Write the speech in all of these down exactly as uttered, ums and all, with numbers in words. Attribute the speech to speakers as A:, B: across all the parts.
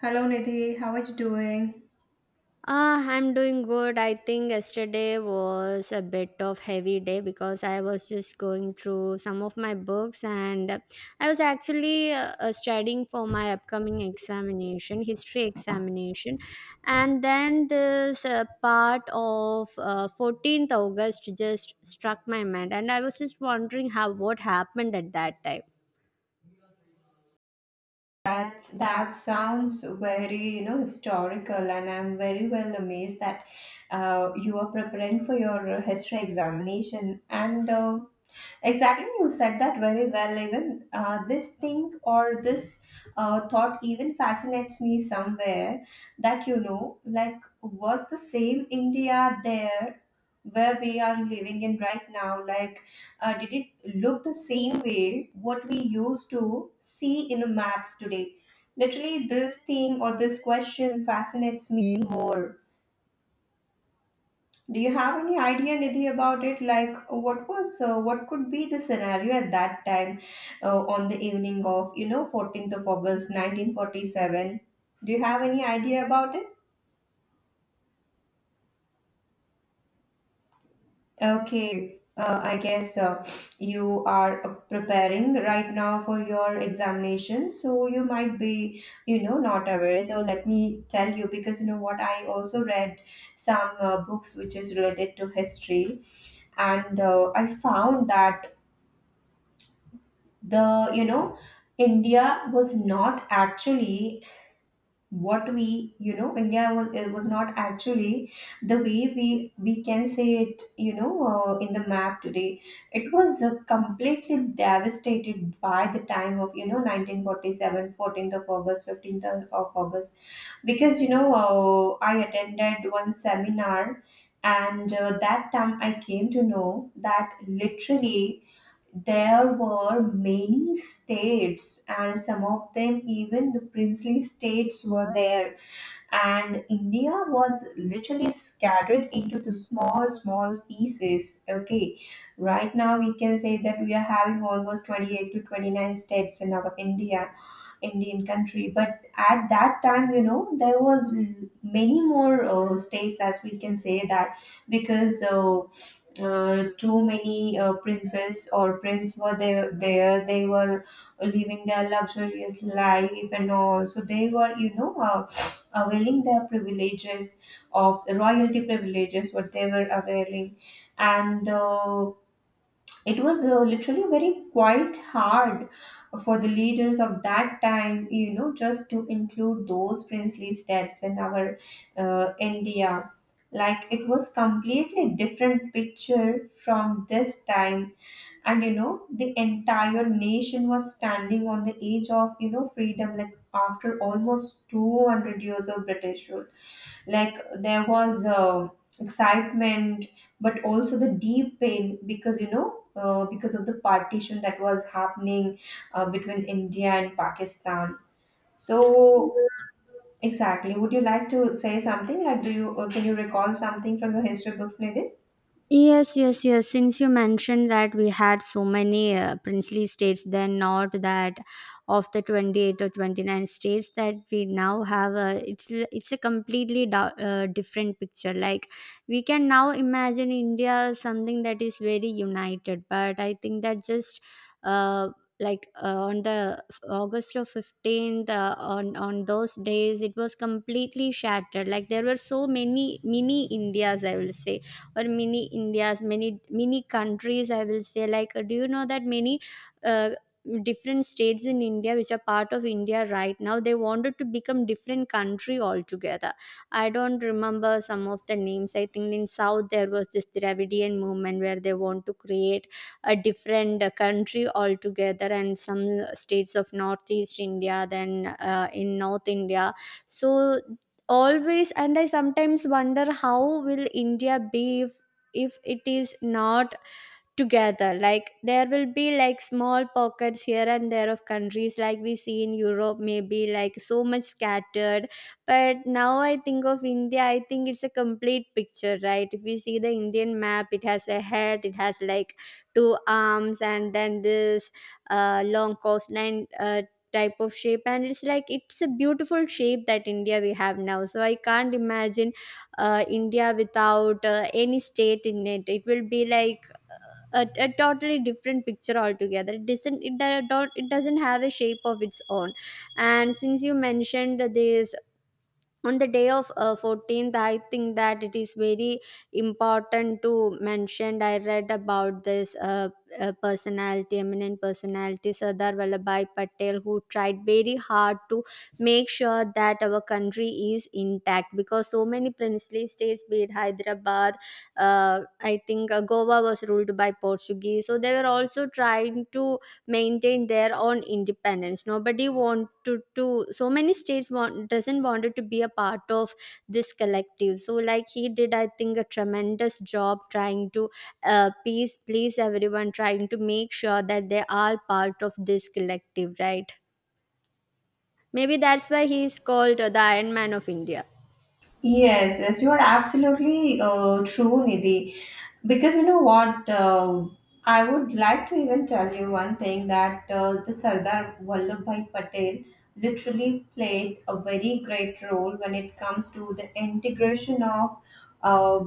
A: Hello Nidhi, how are you doing?
B: Ah, I'm doing good. I think yesterday was a bit of heavy day because I was just going through some of my books and I was actually uh, uh, studying for my upcoming examination, history examination. And then this uh, part of uh, fourteenth August just struck my mind and I was just wondering how what happened at that time.
A: That that sounds very you know historical, and I'm very well amazed that uh, you are preparing for your history examination. And uh, Exactly, you said that very well. Even uh, this thing or this uh, thought even fascinates me somewhere that you know, like, was the same India there where we are living in right now? Like, uh, did it look the same way what we used to see in maps today? Literally, this thing or this question fascinates me more. Do you have any idea, Nidhi, about it? Like, what was, uh, what could be the scenario at that time, uh, on the evening of, you know, fourteenth of August, nineteen forty-seven? Do you have any idea about it? Okay, uh, I guess uh, you are uh, preparing right now for your examination, so you might be, you know, not aware. So let me tell you, because you know what, I also read some uh, books which is related to history, and uh, I found that the you know India was not actually what we you know India was, it was not actually the way we we can say it, you know uh, in the map today. It was uh, completely devastated by the time of you know nineteen forty seven, fourteenth of august fifteenth of august, because you know uh, I attended one seminar, and uh, that time I came to know that literally there were many states, and some of them, even the princely states, were there. And India was literally scattered into the small, small pieces. Okay, right now we can say that we are having almost twenty-eight to twenty-nine states in our India, Indian country. But at that time, you know, there was l- many more uh, states, as we can say that, because uh, uh, too many uh, princess or prince were there, there they were living their luxurious life and all, so they were you know uh, availing their privileges, of royalty privileges what they were availing. And uh, it was uh, literally very quite hard for the leaders of that time you know just to include those princely states in our uh, India, like it was completely different picture from this time. And you know the entire nation was standing on the edge of you know freedom, like after almost two hundred years of British rule. Like, there was uh, excitement but also the deep pain, because you know uh, because of the partition that was happening uh, between India and Pakistan. So exactly, would you like to say something, like, do you uh, can you recall something from your history books, Nidhi?
B: Yes, yes, yes. Since you mentioned that we had so many uh, princely states, then not that of the twenty-eight or twenty-nine states that we now have, a, it's, l- it's a completely da- uh, different picture. Like we can now imagine India as something that is very united, but I think that just uh, like uh, on the f- August of fifteenth, uh, on, on those days, it was completely shattered. Like there were so many mini Indias, I will say, or mini Indias, many mini countries. I will say, like, uh, do you know that many uh, different states in India, which are part of India right now, they wanted to become different country altogether. I don't remember some of the names. I think in South there was this Dravidian movement where they want to create a different uh, country altogether, and some uh, states of Northeast India, then uh, in North India. So always, and I sometimes wonder how will India be if, if it is not together. Like there will be like small pockets here and there of countries, like we see in Europe, maybe, like so much scattered. But now I think of India, I think it's a complete picture, right? If we see the Indian map, it has a head, it has like two arms, and then this uh, long coastline, uh, type of shape, and it's like it's a beautiful shape that India we have now. So I can't imagine uh, India without uh, any state in it. It will be like a, a totally different picture altogether. It doesn't it, do- don't it doesn't have a shape of its own. And since you mentioned this, on the day of uh, fourteenth, I think that it is very important to mention, I read about this uh, uh, personality eminent personality Sardar Vallabhai Patel, who tried very hard to make sure that our country is intact, because so many princely states, be it Hyderabad, uh, I think uh, Goa was ruled by Portuguese, so they were also trying to maintain their own independence. Nobody wanted to, so many states want doesn't wanted to be a part of this collective. So, like, he did, I think, a tremendous job trying to uh, please please everyone, trying to make sure that they are part of this collective, right? Maybe that's why he is called uh, the Iron Man of India.
A: Yes, yes, you are absolutely uh, true, Nidhi. Because you know what, uh, I would like to even tell you one thing, that uh, the Sardar Vallabhbhai Patel literally played a very great role when it comes to the integration of uh,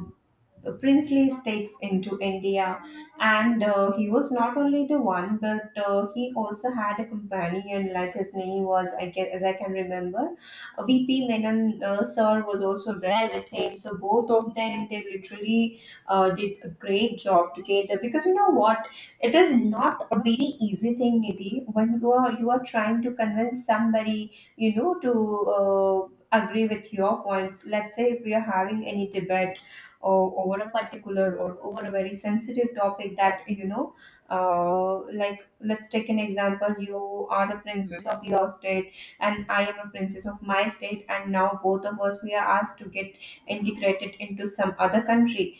A: princely states into India. And uh, he was not only the one, but uh, he also had a companion, like his name was, I can, as I can remember, V P Menon uh, sir was also there with him. So both of them, they literally uh, did a great job together, because you know what, it is not a very easy thing, Nidhi, when you are you are trying to convince somebody, you know to uh, agree with your points. Let's say, if we are having any debate or over a particular or over a very sensitive topic, that you know uh, like, let's take an example. You are a princess of your state, and I am a princess of my state, and now both of us, we are asked to get integrated into some other country.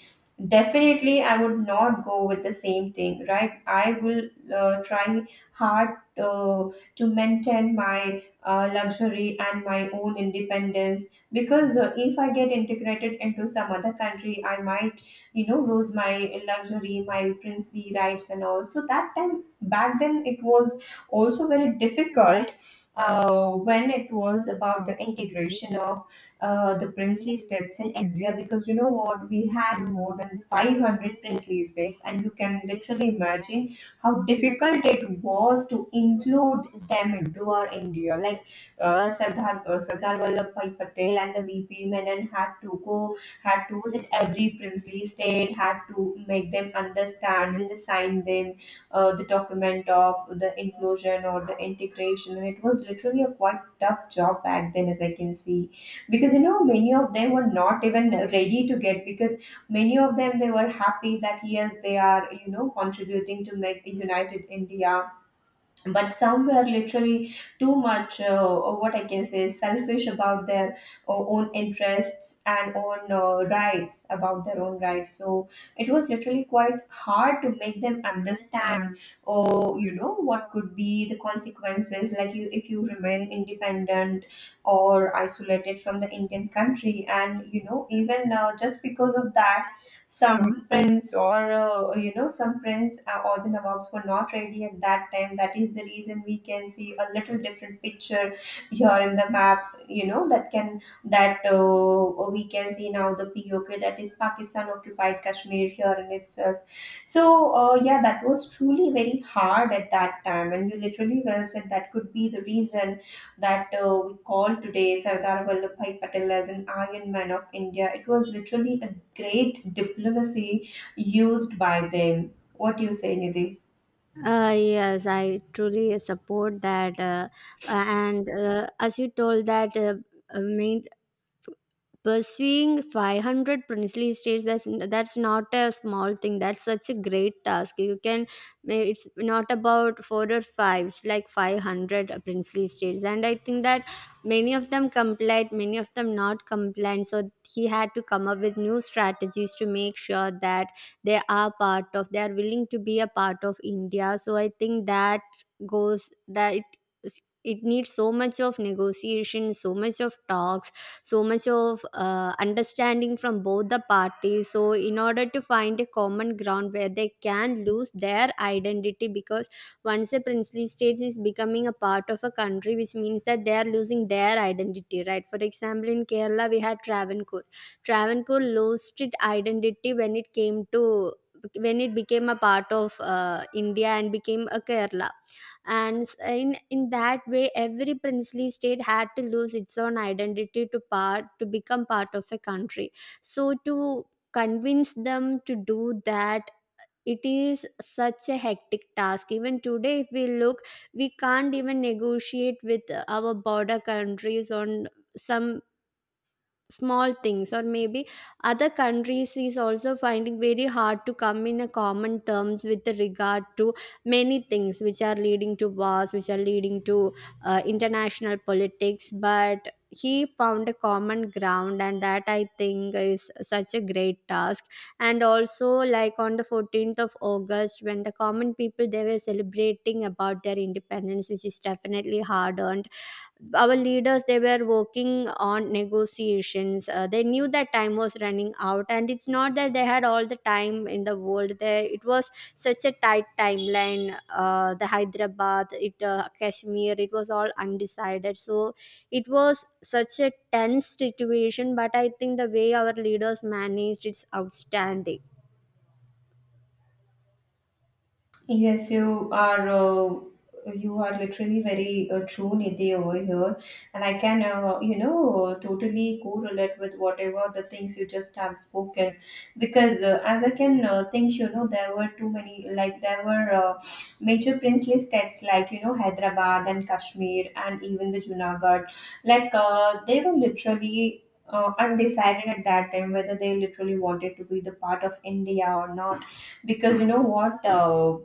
A: Definitely, I would not go with the same thing, right? I will uh, try hard uh, to maintain my uh, luxury and my own independence, because uh, if I get integrated into some other country, I might, you know, lose my luxury, my princely rights, and all. So that time back then, it was also very difficult uh, when it was about the integration of uh, the princely estates in India, because you know what? We had more than five hundred princely estates, and you can literally imagine how difficult it was to include them into our India. Like, uh, Sardar, uh, Sardar Vallabhbhai Patel and the V P Menon had to go, had to visit every princely state, had to make them understand and assign them uh, the document of the inclusion or the integration. And it was literally a quite tough job back then, as I can see, because you know many of them were not even ready to get, because many of them, they were happy that yes, they are, you know contributing to make the united India. But some were literally too much, uh, or what I can say, selfish about their uh, own interests and own uh, rights, about their own rights. So it was literally quite hard to make them understand, or, you know what could be the consequences, like, you if you remain independent or isolated from the Indian country. And you know even uh, just because of that, some prints, or uh, you know some prints, uh, or the nawabs, were not ready at that time. That is the reason we can see a little different picture here in the map, you know that can that uh, we can see now the POK, that is Pakistan Occupied Kashmir, here in itself. So uh, yeah, that was truly very hard at that time, and you literally well said, that could be the reason that uh, we call today Sardar Vallabhbhai Patel as an Iron Man of India. It was literally a great diplomacy used by them. What do you say, Nidhi?
B: uh, Yes, I truly support that. Uh, uh, and uh, as you told that uh, uh, main, pursuing five hundred princely states, that's that's not a small thing, that's such a great task. You can may- it's not about four or five, it's like five hundred princely states, and I think that many of them complied, many of them not compliant. So he had to come up with new strategies to make sure that they are part of they are willing to be a part of India. So I think that goes, that it, it needs so much of negotiation, so much of talk, so much of uh, understanding from both the parties, so in order to find a common ground where they can lose their identity. Because once a princely state is becoming a part of a country, which means that they are losing their identity, right? For example, in Kerala we had Travancore. Travancore lost its identity when it came to when it became a part of uh, India and became a Kerala. And s- in in that way, every princely state had to lose its own identity to part to become part of a country. So to convince them to do that, it is such a hectic task. Even today, if we look, we can't even negotiate with uh, our border countries on some small things, or maybe other countries is also finding very hard to come in a common terms with regard to many things which are leading to wars, which are leading to uh, international politics. But he found a common ground, and that, I think, is such a great task. And also, like on the fourteenth of August, when the common people, they were celebrating about their independence, which is definitely hard earned, our leaders, they were working on negotiations. Uh, they knew that time was running out, and it's not that they had all the time in the world. They, it was such a tight timeline. Uh, the Hyderabad, it uh, Kashmir, it was all undecided. So it was such a tense situation, but I think the way our leaders managed, it's outstanding.
A: Yes, you are. Uh, you are literally very uh, true, Nidhi, over here, and I can, uh, you know, totally correlate with whatever the things you just have spoken, because uh, as I can uh, think, you know, there were too many, like there were uh, major princely states like you know Hyderabad and Kashmir and even the Junagadh, like uh, they were literally. Uh, undecided at that time, whether they literally wanted to be the part of India or not, because you know what, uh,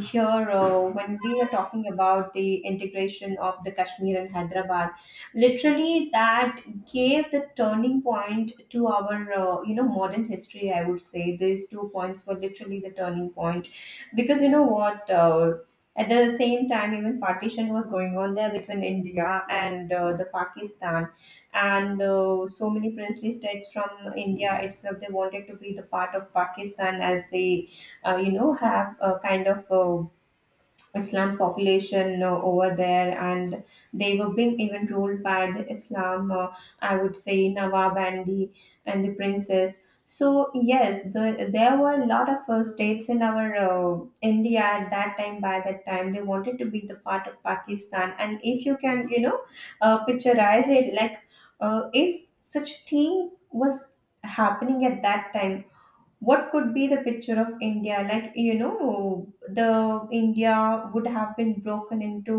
A: here uh, when we are talking about the integration of the Kashmir and Hyderabad, literally that gave the turning point to our uh, you know modern history. I would say these two points were literally the turning point, because you know what uh, at the same time, even partition was going on there between India and uh, the Pakistan. And uh, so many princely states from India itself, they wanted to be the part of Pakistan, as the uh, you know have a kind of uh, Islam population uh, over there, and they were being even ruled by the Islam. Uh, I would say Nawab and the and the princes. So yes, the, there were a lot of uh, states in our uh, India at that time. By that time, they wanted to be the part of Pakistan. And if you can, you know, uh, picturize it, like uh, if such thing was happening at that time, what could be the picture of India? Like, you know the India would have been broken into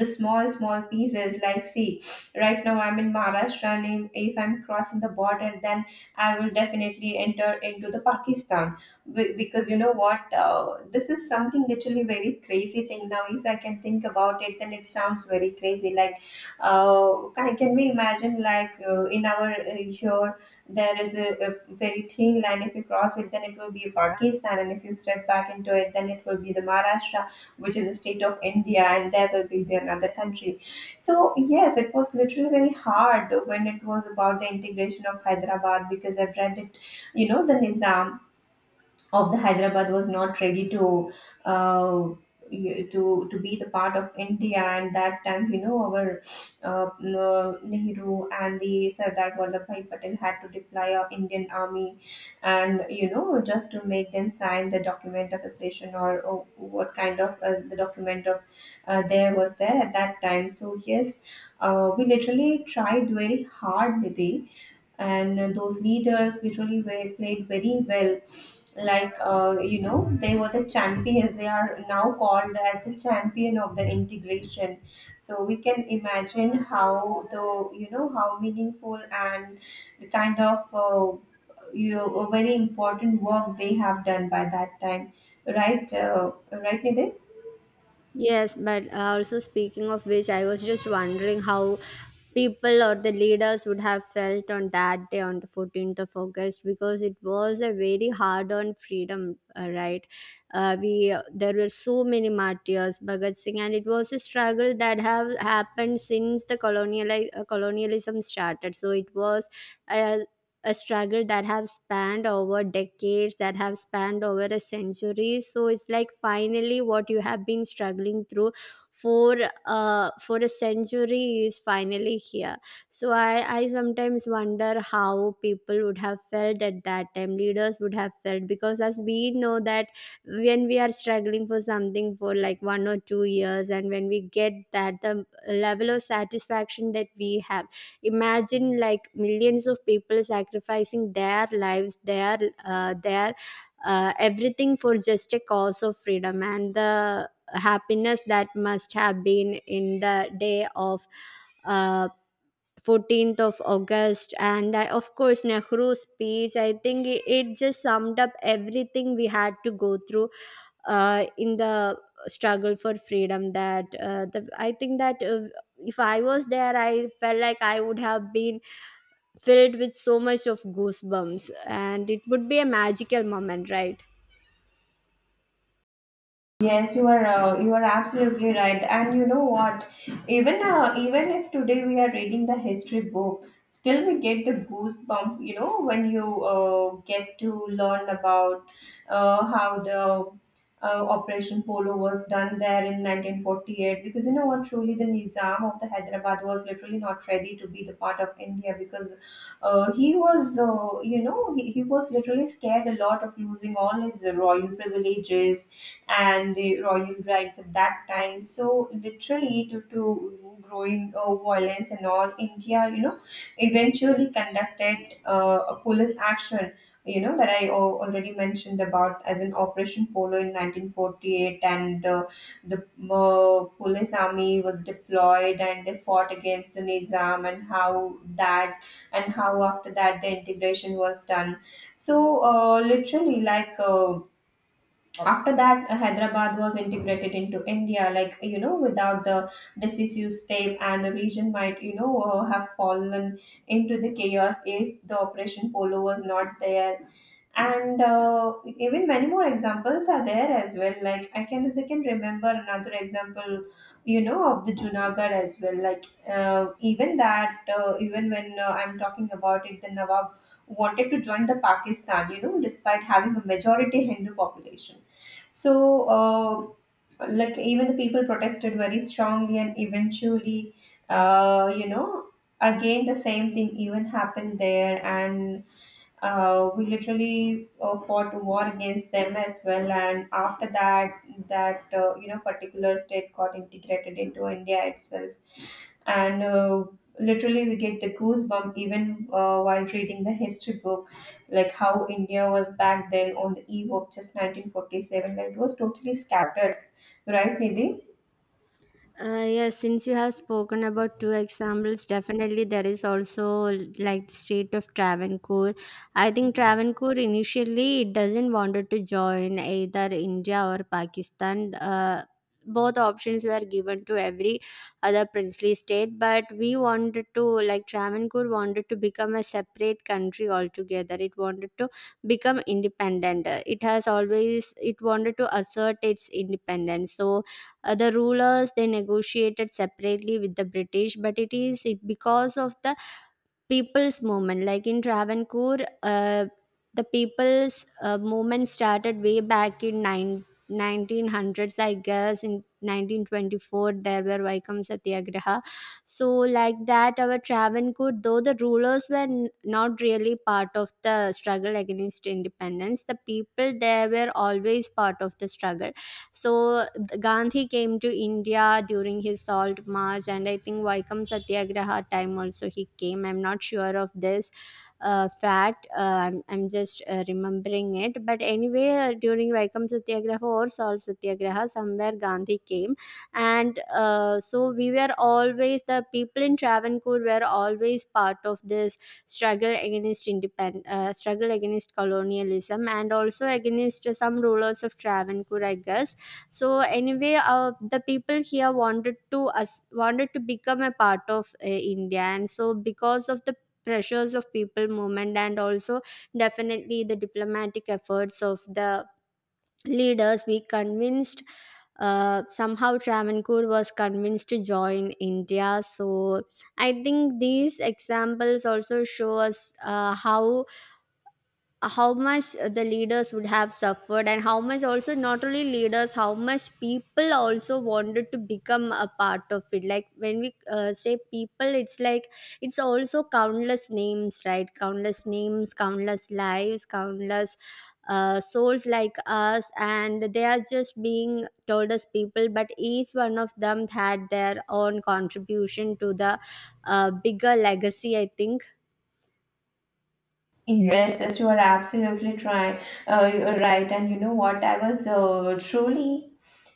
A: the small, small pieces. Like, see, right now I'm in Maharashtra, and if if I'm crossing the border, then I will definitely enter into the Pakistan. Be- because you know what, uh, this is something literally very crazy thing. Now if I can think about it, then it sounds very crazy. Like, uh, can, can we imagine, like uh, in our uh, here, there is a, a very thin line. If you cross it, then it will be Pakistan, and if you step back into it, then it will be the Maharashtra, which is a state of India, and there will be the another country. So yes, it was literally very hard when it was about the integration of Hyderabad, because I've read it. You know, the Nizam of the Hyderabad was not ready to uh, y- to to be the part of India, and that time, you know our uh, uh, Nehru and the Sardar Vallabhbhai Patel had to deploy our Indian army, and you know just to make them sign the document of accession, or, or what kind of uh, the document of uh, there was there at that time. So yes, uh, we literally tried very hard, Nidhi, and uh, those leaders literally were, played very well, like uh, you know they were the champions. They are now called as the champion of the integration. So we can imagine how the you know how meaningful and the kind of uh, you know, a very important work they have done by that time, right, uh, right Nidhi?
B: Yes, but uh, also, speaking of which, I was just wondering how people or the leaders would have felt on that day, on the fourteenth of August, because it was a very hard on freedom, uh, right? Uh, we there were so many martyrs, Bhagat Singh, and it was a struggle that have happened since the colonial uh, colonialism started. So it was. uh, a struggle that have spanned over decades, that have spanned over a century. So it's like finally what you have been struggling through for uh for a century is finally here. So i i sometimes wonder how people would have felt at that time, leaders would have felt. Because as we know that when we are struggling for something for like one or two years and when we get that, the level of satisfaction that we have, imagine like millions of people sacrificing their lives, their uh, their uh, everything for just a cause of freedom. And the happiness that must have been in the day of uh, fourteenth of August, and I, of course, Nehru's speech. I think it, it just summed up everything we had to go through uh, in the struggle for freedom. That uh, the, I think that uh, if I was there, I felt like I would have been filled with so much of goosebumps, and it would be a magical moment, right?
A: Yes, you are uh, you are absolutely right. And you know what? Even uh, even if today we are reading the history book, still we get the goosebump. You know when you uh, get to learn about uh, how the uh, Operation Polo was done there in nineteen forty-eight. Because you know what? Truly, the Nizam of the Hyderabad was literally not ready to be the part of India, because uh, he was uh, you know he, he was literally scared a lot of losing all his royal privileges and the royal brides at that time. So literally due to growing uh, violence and all, India, you know, eventually conducted uh, a police action. You know that I al- already mentioned about as in Operation Polo in nineteen forty-eight, and uh, the uh, police army was deployed, and they fought against the Nizam, and how that and how after that the integration was done. So uh, literally like. Uh, after that uh, Hyderabad was integrated into India, like you know, without the decisive step, and the region might, you know, uh, have fallen into the chaos if the Operation Polo was not there. And uh, even many more examples are there as well, like I can as I can remember another example, you know, of the Junagadh as well. Like uh, even that uh, even when uh, I'm talking about it, the Nawab wanted to join the Pakistan, you know, despite having a majority Hindu population. So uh, like even the people protested very strongly, and eventually, uh, you know again the same thing even happened there. And uh, we literally uh, fought a war against them as well. And after that, that uh, you know particular state got integrated into India itself. And uh, literally we get the goosebump even uh, while reading the history book, like how India was back then on the eve of just nineteen forty-seven, like it was totally scattered, right, Nidhi?
B: Uh, yes, since you have spoken about two examples, definitely there is also like the state of Travancore. I think Travancore initially it doesn't wanted to join either India or Pakistan. Uh, both options were given to every other princely state, but we wanted to like Travancore wanted to become a separate country altogether. It wanted to become independent. Uh, It has always it wanted to assert its independence. So other rulers, they negotiated separately with the British, but it is it because of the people's movement, like in Travancore, uh, the people's uh, movement started way back in nine nineteen hundreds. I guess in nineteen twenty-four there were Vaikam Satyagraha. So like that, our Travancore, though the rulers were n- not really part of the struggle against independence, the people there were always part of the struggle. So th- Gandhi came to India during his Salt March, and I think Vaikam Satyagraha time also he came. I'm not sure of this uh, fact. Uh, I'm, I'm just uh, remembering it. But anyway, uh, during Vaikam Satyagraha or Salt Satyagraha, somewhere Gandhi came, and uh, so we were always the people in Travancore were always part of this struggle against independent uh, struggle against colonialism, and also against some rulers of Travancore, I guess. So anyway, uh, the people here wanted to us wanted to become a part of uh, India, and so because of the pressures of people movement, and also definitely the diplomatic efforts of the leaders, we convinced. Uh, somehow Travancore was convinced to join India. So I think these examples also show us uh, how how much uh, the leaders would have suffered, and how much also, not only leaders, how much people also wanted to become a part of it. Like when we uh, say people, it's like it's also countless names, right? Countless names, countless lives, countless uh, souls like us, and they are just being told as people, but each one of them had their own contribution to the uh, bigger legacy, I think.
A: Yes, yes, you are absolutely try, uh, you are right. And you know what? I was uh, truly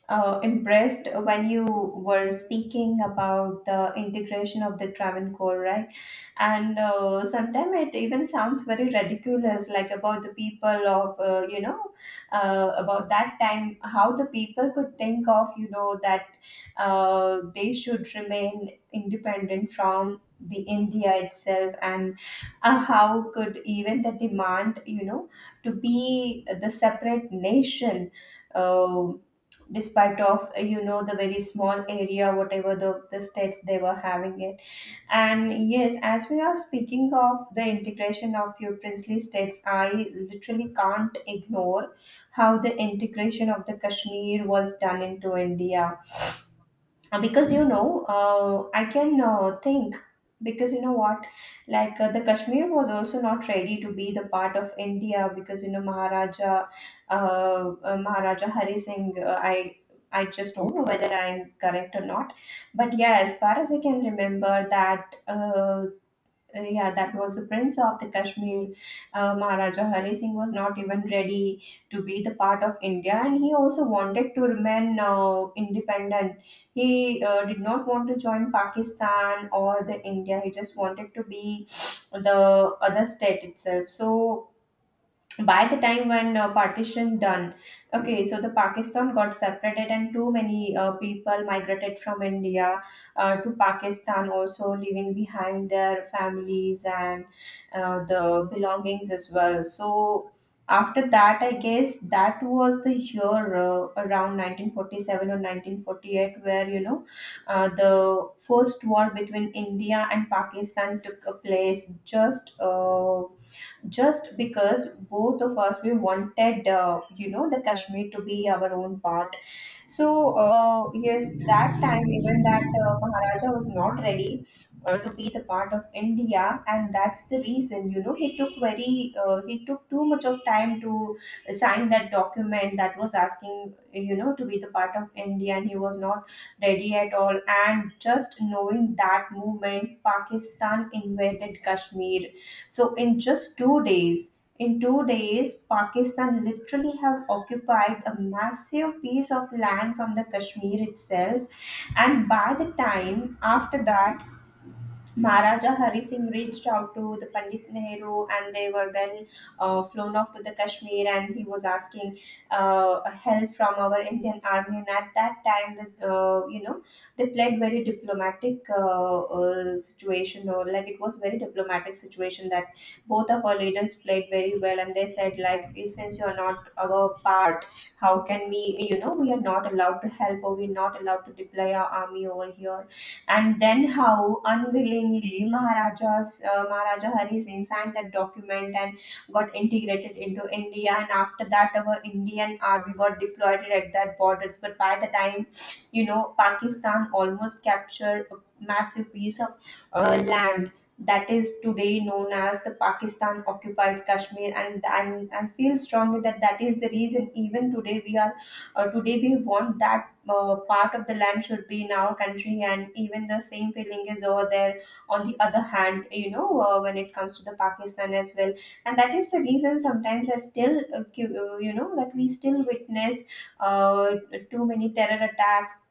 A: uh, impressed when you were speaking about the integration of the Travancore, right? And uh, sometimes it even sounds very ridiculous, like about the people of, uh, you know, uh, about that time, how the people could think of, you know, that uh, they should remain independent from the India itself. And uh, how could even the demand, you know, to be the separate nation, uh, despite of uh, you know the very small area, whatever the, the states they were having it. And yes, as we are speaking of the integration of few princely states, I literally can't ignore how the integration of the Kashmir was done into India. Uh, because you know, uh, I can uh, think. Because you know what, like uh, the Kashmir was also not ready to be the part of India, because you know, maharaja uh, uh, maharaja Hari Singh — uh, i i just don't know whether I'm correct or not, but yeah, as far as I can remember that, uh, uh, yeah, that was the prince of the Kashmir. Uh, Maharaja Hari Singh was not even ready to be the part of India, and he also wanted to remain uh, independent. He uh, did not want to join Pakistan or the India. He just wanted to be the other state itself. So by the time when uh, partition done. Okay, so the Pakistan got separated, and too many uh, people migrated from India uh, to Pakistan also, leaving behind their families and uh, the belongings as well. So after that, I guess that was the year, uh, around nineteen forty-seven or nineteen forty-eight, where you know, uh, the first war between India and Pakistan took a place, just uh, just because both of us, we wanted, uh, you know the Kashmir to be our own part. So uh, yes, that time, even that uh, Maharaja was not ready uh, to be the part of India, and that's the reason, you know, he took very, uh, he took too much of time to sign that document that was asking, you know, to be the part of India, and he was not ready at all. And just knowing that movement, Pakistan invaded Kashmir. So in just two days, in two days, Pakistan literally have occupied a massive piece of land from the Kashmir itself. And by the time after that, Maharaja Hari Singh reached out to the Pandit Nehru, and they were then uh, flown off to the Kashmir. And he was asking uh, help from our Indian army. And at that time, the, uh, you know, they played very diplomatic uh, uh, situation, or like it was very diplomatic situation that both of our leaders played very well. And they said, like, "Well, since you are not our part, how can we, you know, we are not allowed to help, or we're not allowed to deploy our army over here." And then, how unwillingly, Maharaja's uh, Maharaja Hari Singh signed that document and got integrated into India. And after that, our Indian army got deployed at that borders. But by the time, you know, Pakistan almost captured a massive piece of uh, land that is today known as the Pakistan occupied Kashmir. And, and and feel strongly that that is the reason even today we are, uh, today we want that uh, part of the land should be in our country, and even the same feeling is over there on the other hand, you know, uh, when it comes to the Pakistan as well. And that is the reason sometimes I still, uh, cu- uh, you know that we still witness uh, too many terror attacks,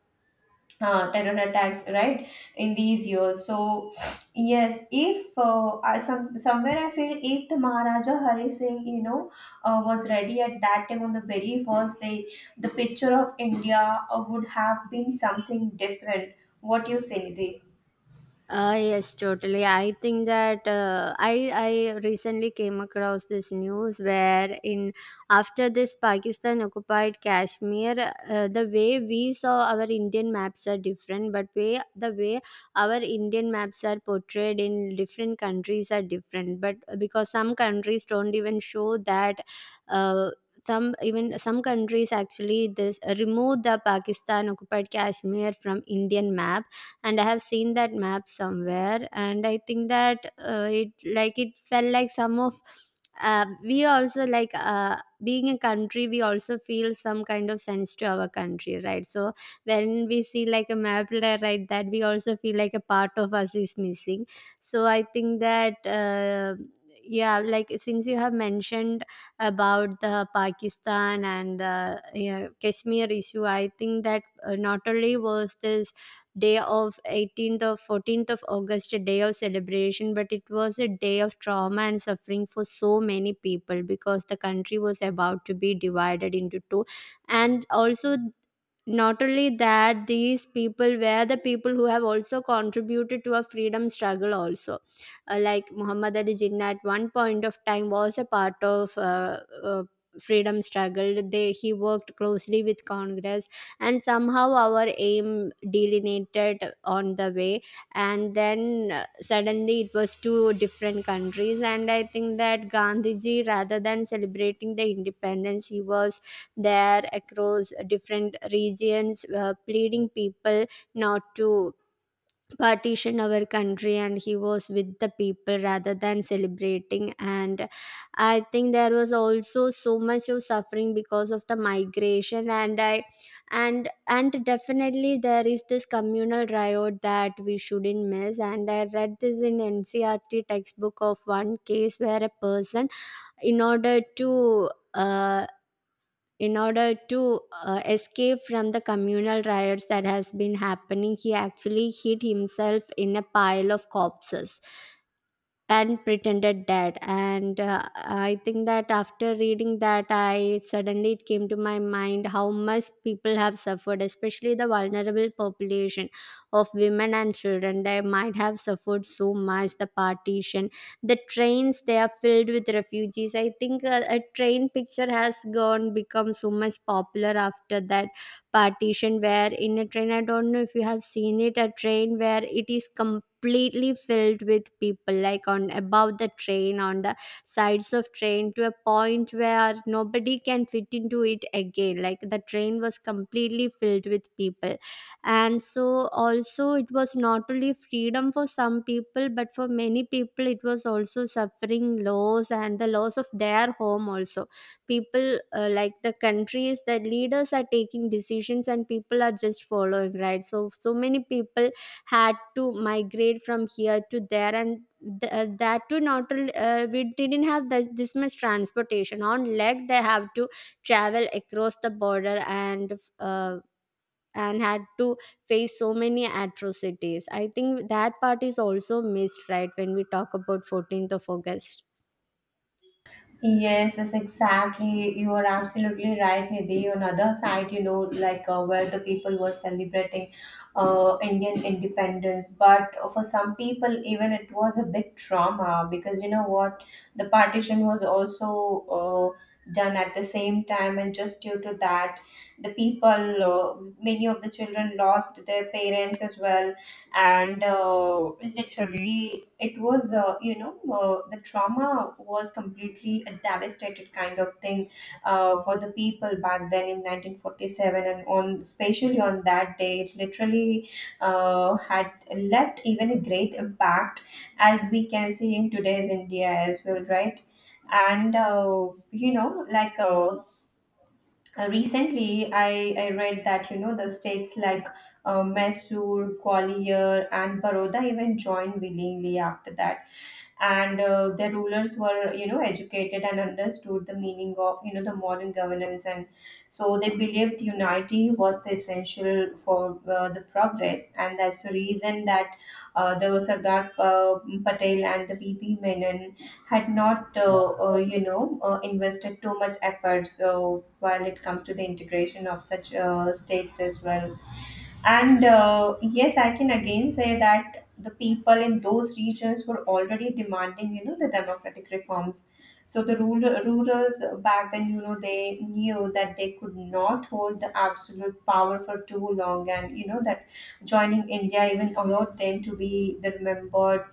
A: uh, terror attacks right in these years. So yes, if uh, I, some somewhere I feel if the Maharaja Hari Singh, you know, uh, was ready at that time on the very first day, the picture of India uh, would have been something different. What you say, Nidhi?
B: Uh, yes, totally. I think that uh, I I recently came across this news where in after this Pakistan occupied Kashmir, uh, the way we saw our Indian maps are different, but way the way our Indian maps are portrayed in different countries are different, but because some countries don't even show that. Uh, some even some countries actually this remove the Pakistan occupied Kashmir from Indian map, and I have seen that map somewhere, and I think that, uh, it like it felt like some of uh, we also, like uh, being a country, we also feel some kind of sense to our country, right? So when we see like a map li- right, that we also feel like a part of us is missing. So I think that, uh, yeah, like since you have mentioned about the Pakistan and the, yeah, Kashmir issue, I think that, uh, not only was this day of eighteenth or fourteenth of August a day of celebration, but it was a day of trauma and suffering for so many people because the country was about to be divided into two. And also, not only that, these people were the people who have also contributed to a freedom struggle also. Uh, like Muhammad Ali Jinnah, at one point of time, was a part of uh, uh, freedom struggle. They he worked closely with Congress, and somehow our aim delineated on the way, and then uh, suddenly it was two different countries. And I think that Gandhiji, rather than celebrating the independence, he was there across different regions, uh, pleading people not to partition our country, and he was with the people rather than celebrating. And I think there was also so much of suffering because of the migration, and I and and definitely there is this communal riot that we shouldn't miss. And I read this in NCRT textbook of one case where a person, in order to uh, in order to uh, escape from the communal riots that has been happening, he actually hid himself in a pile of corpses and pretended that. And uh, I think that after reading that, I suddenly, it came to my mind how much people have suffered, especially the vulnerable population of women and children. They might have suffered so much, the partition. The trains, they are filled with refugees. I think uh, a train picture has gone become so much popular after that partition, where in a train, I don't know if you have seen it, a train where it is completely filled with people, like on above the train, on the sides of train, to a point where nobody can fit into it again. Like the train was completely filled with people. And so also, it was not only freedom for some people, but for many people it was also suffering, loss, and the loss of their home also. People, uh, like the countries, that leaders are taking decisions and people are just following, right? so so many people had to migrate from here to there. And th- uh, that too, not al- uh, we didn't have this, this much transportation. On leg they have to travel across the border, and uh, and had to face so many atrocities. I think that part is also missed, right, when we talk about fourteenth of August.
A: Yes, yes, exactly. You are absolutely right, Nidhi. On other side, you know, like uh, where the people were celebrating uh, Indian independence, but for some people, even it was a big trauma. Because you know what, the partition was also uh, done at the same time, and just due to that, the people, uh, many of the children lost their parents as well. And uh, literally it was, uh, you know uh, the trauma was completely a devastated kind of thing uh, for the people back then in nineteen forty-seven. And on, especially on that day, it literally uh, had left even a great impact, as we can see in today's India as well, right? And uh, you know like uh, uh, recently, I, I read that, you know, the states like uh, Mysore, Gwalior and Baroda even joined willingly after that. And uh, the rulers were, you know, educated, and understood the meaning of, you know, the modern governance. And so they believed unity was the essential for uh, the progress, and that's the reason that uh, the Sardar uh, Patel and the V P Menon had not uh, uh, you know uh, invested too much effort, so while it comes to the integration of such uh, states as well. And uh, yes, I can again say that the people in those regions were already demanding, you know, the democratic reforms. So the ruler, rulers back then, you know, they knew that they could not hold the absolute power for too long, and you know that joining India even allowed them to be the remembered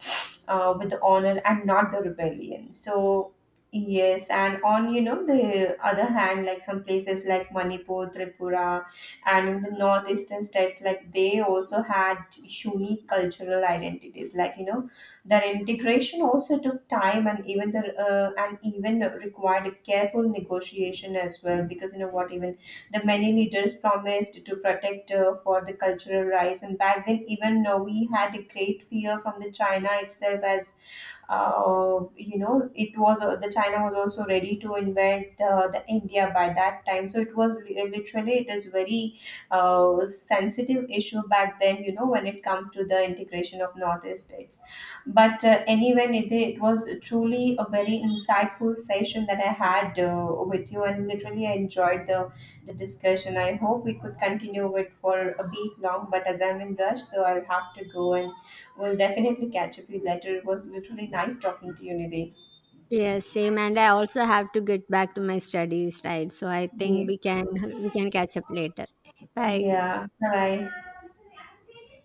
A: uh, with the honor, and not the rebellion. So yes, and on, you know, the other hand, like some places like Manipur, Tripura, and in the northeastern states, like they also had unique cultural identities, like you know, their integration also took time, and even the uh, and even required a careful negotiation as well. Because you know what, even the many leaders promised to protect uh, for the cultural rights, and back then, even uh, we had a great fear from the China itself. As uh, you know, it was, uh, the China was also ready to invade uh, the India by that time. So it was li- literally it is very uh, sensitive issue back then, you know, when it comes to the integration of northeast states. But uh, anyway, Nidhi, it was truly a very insightful session that I had, uh, with you, and literally I enjoyed the the discussion. I hope we could continue it for a bit long, but as I'm in rush, so I'll have to go, and we'll definitely catch up you later. It was literally nice talking to you, Nidhi.
B: Yes, same. And I also have to get back to my studies, right? So I think
A: Yeah.
B: we can we can catch up later. Bye.
A: Yeah. Bye.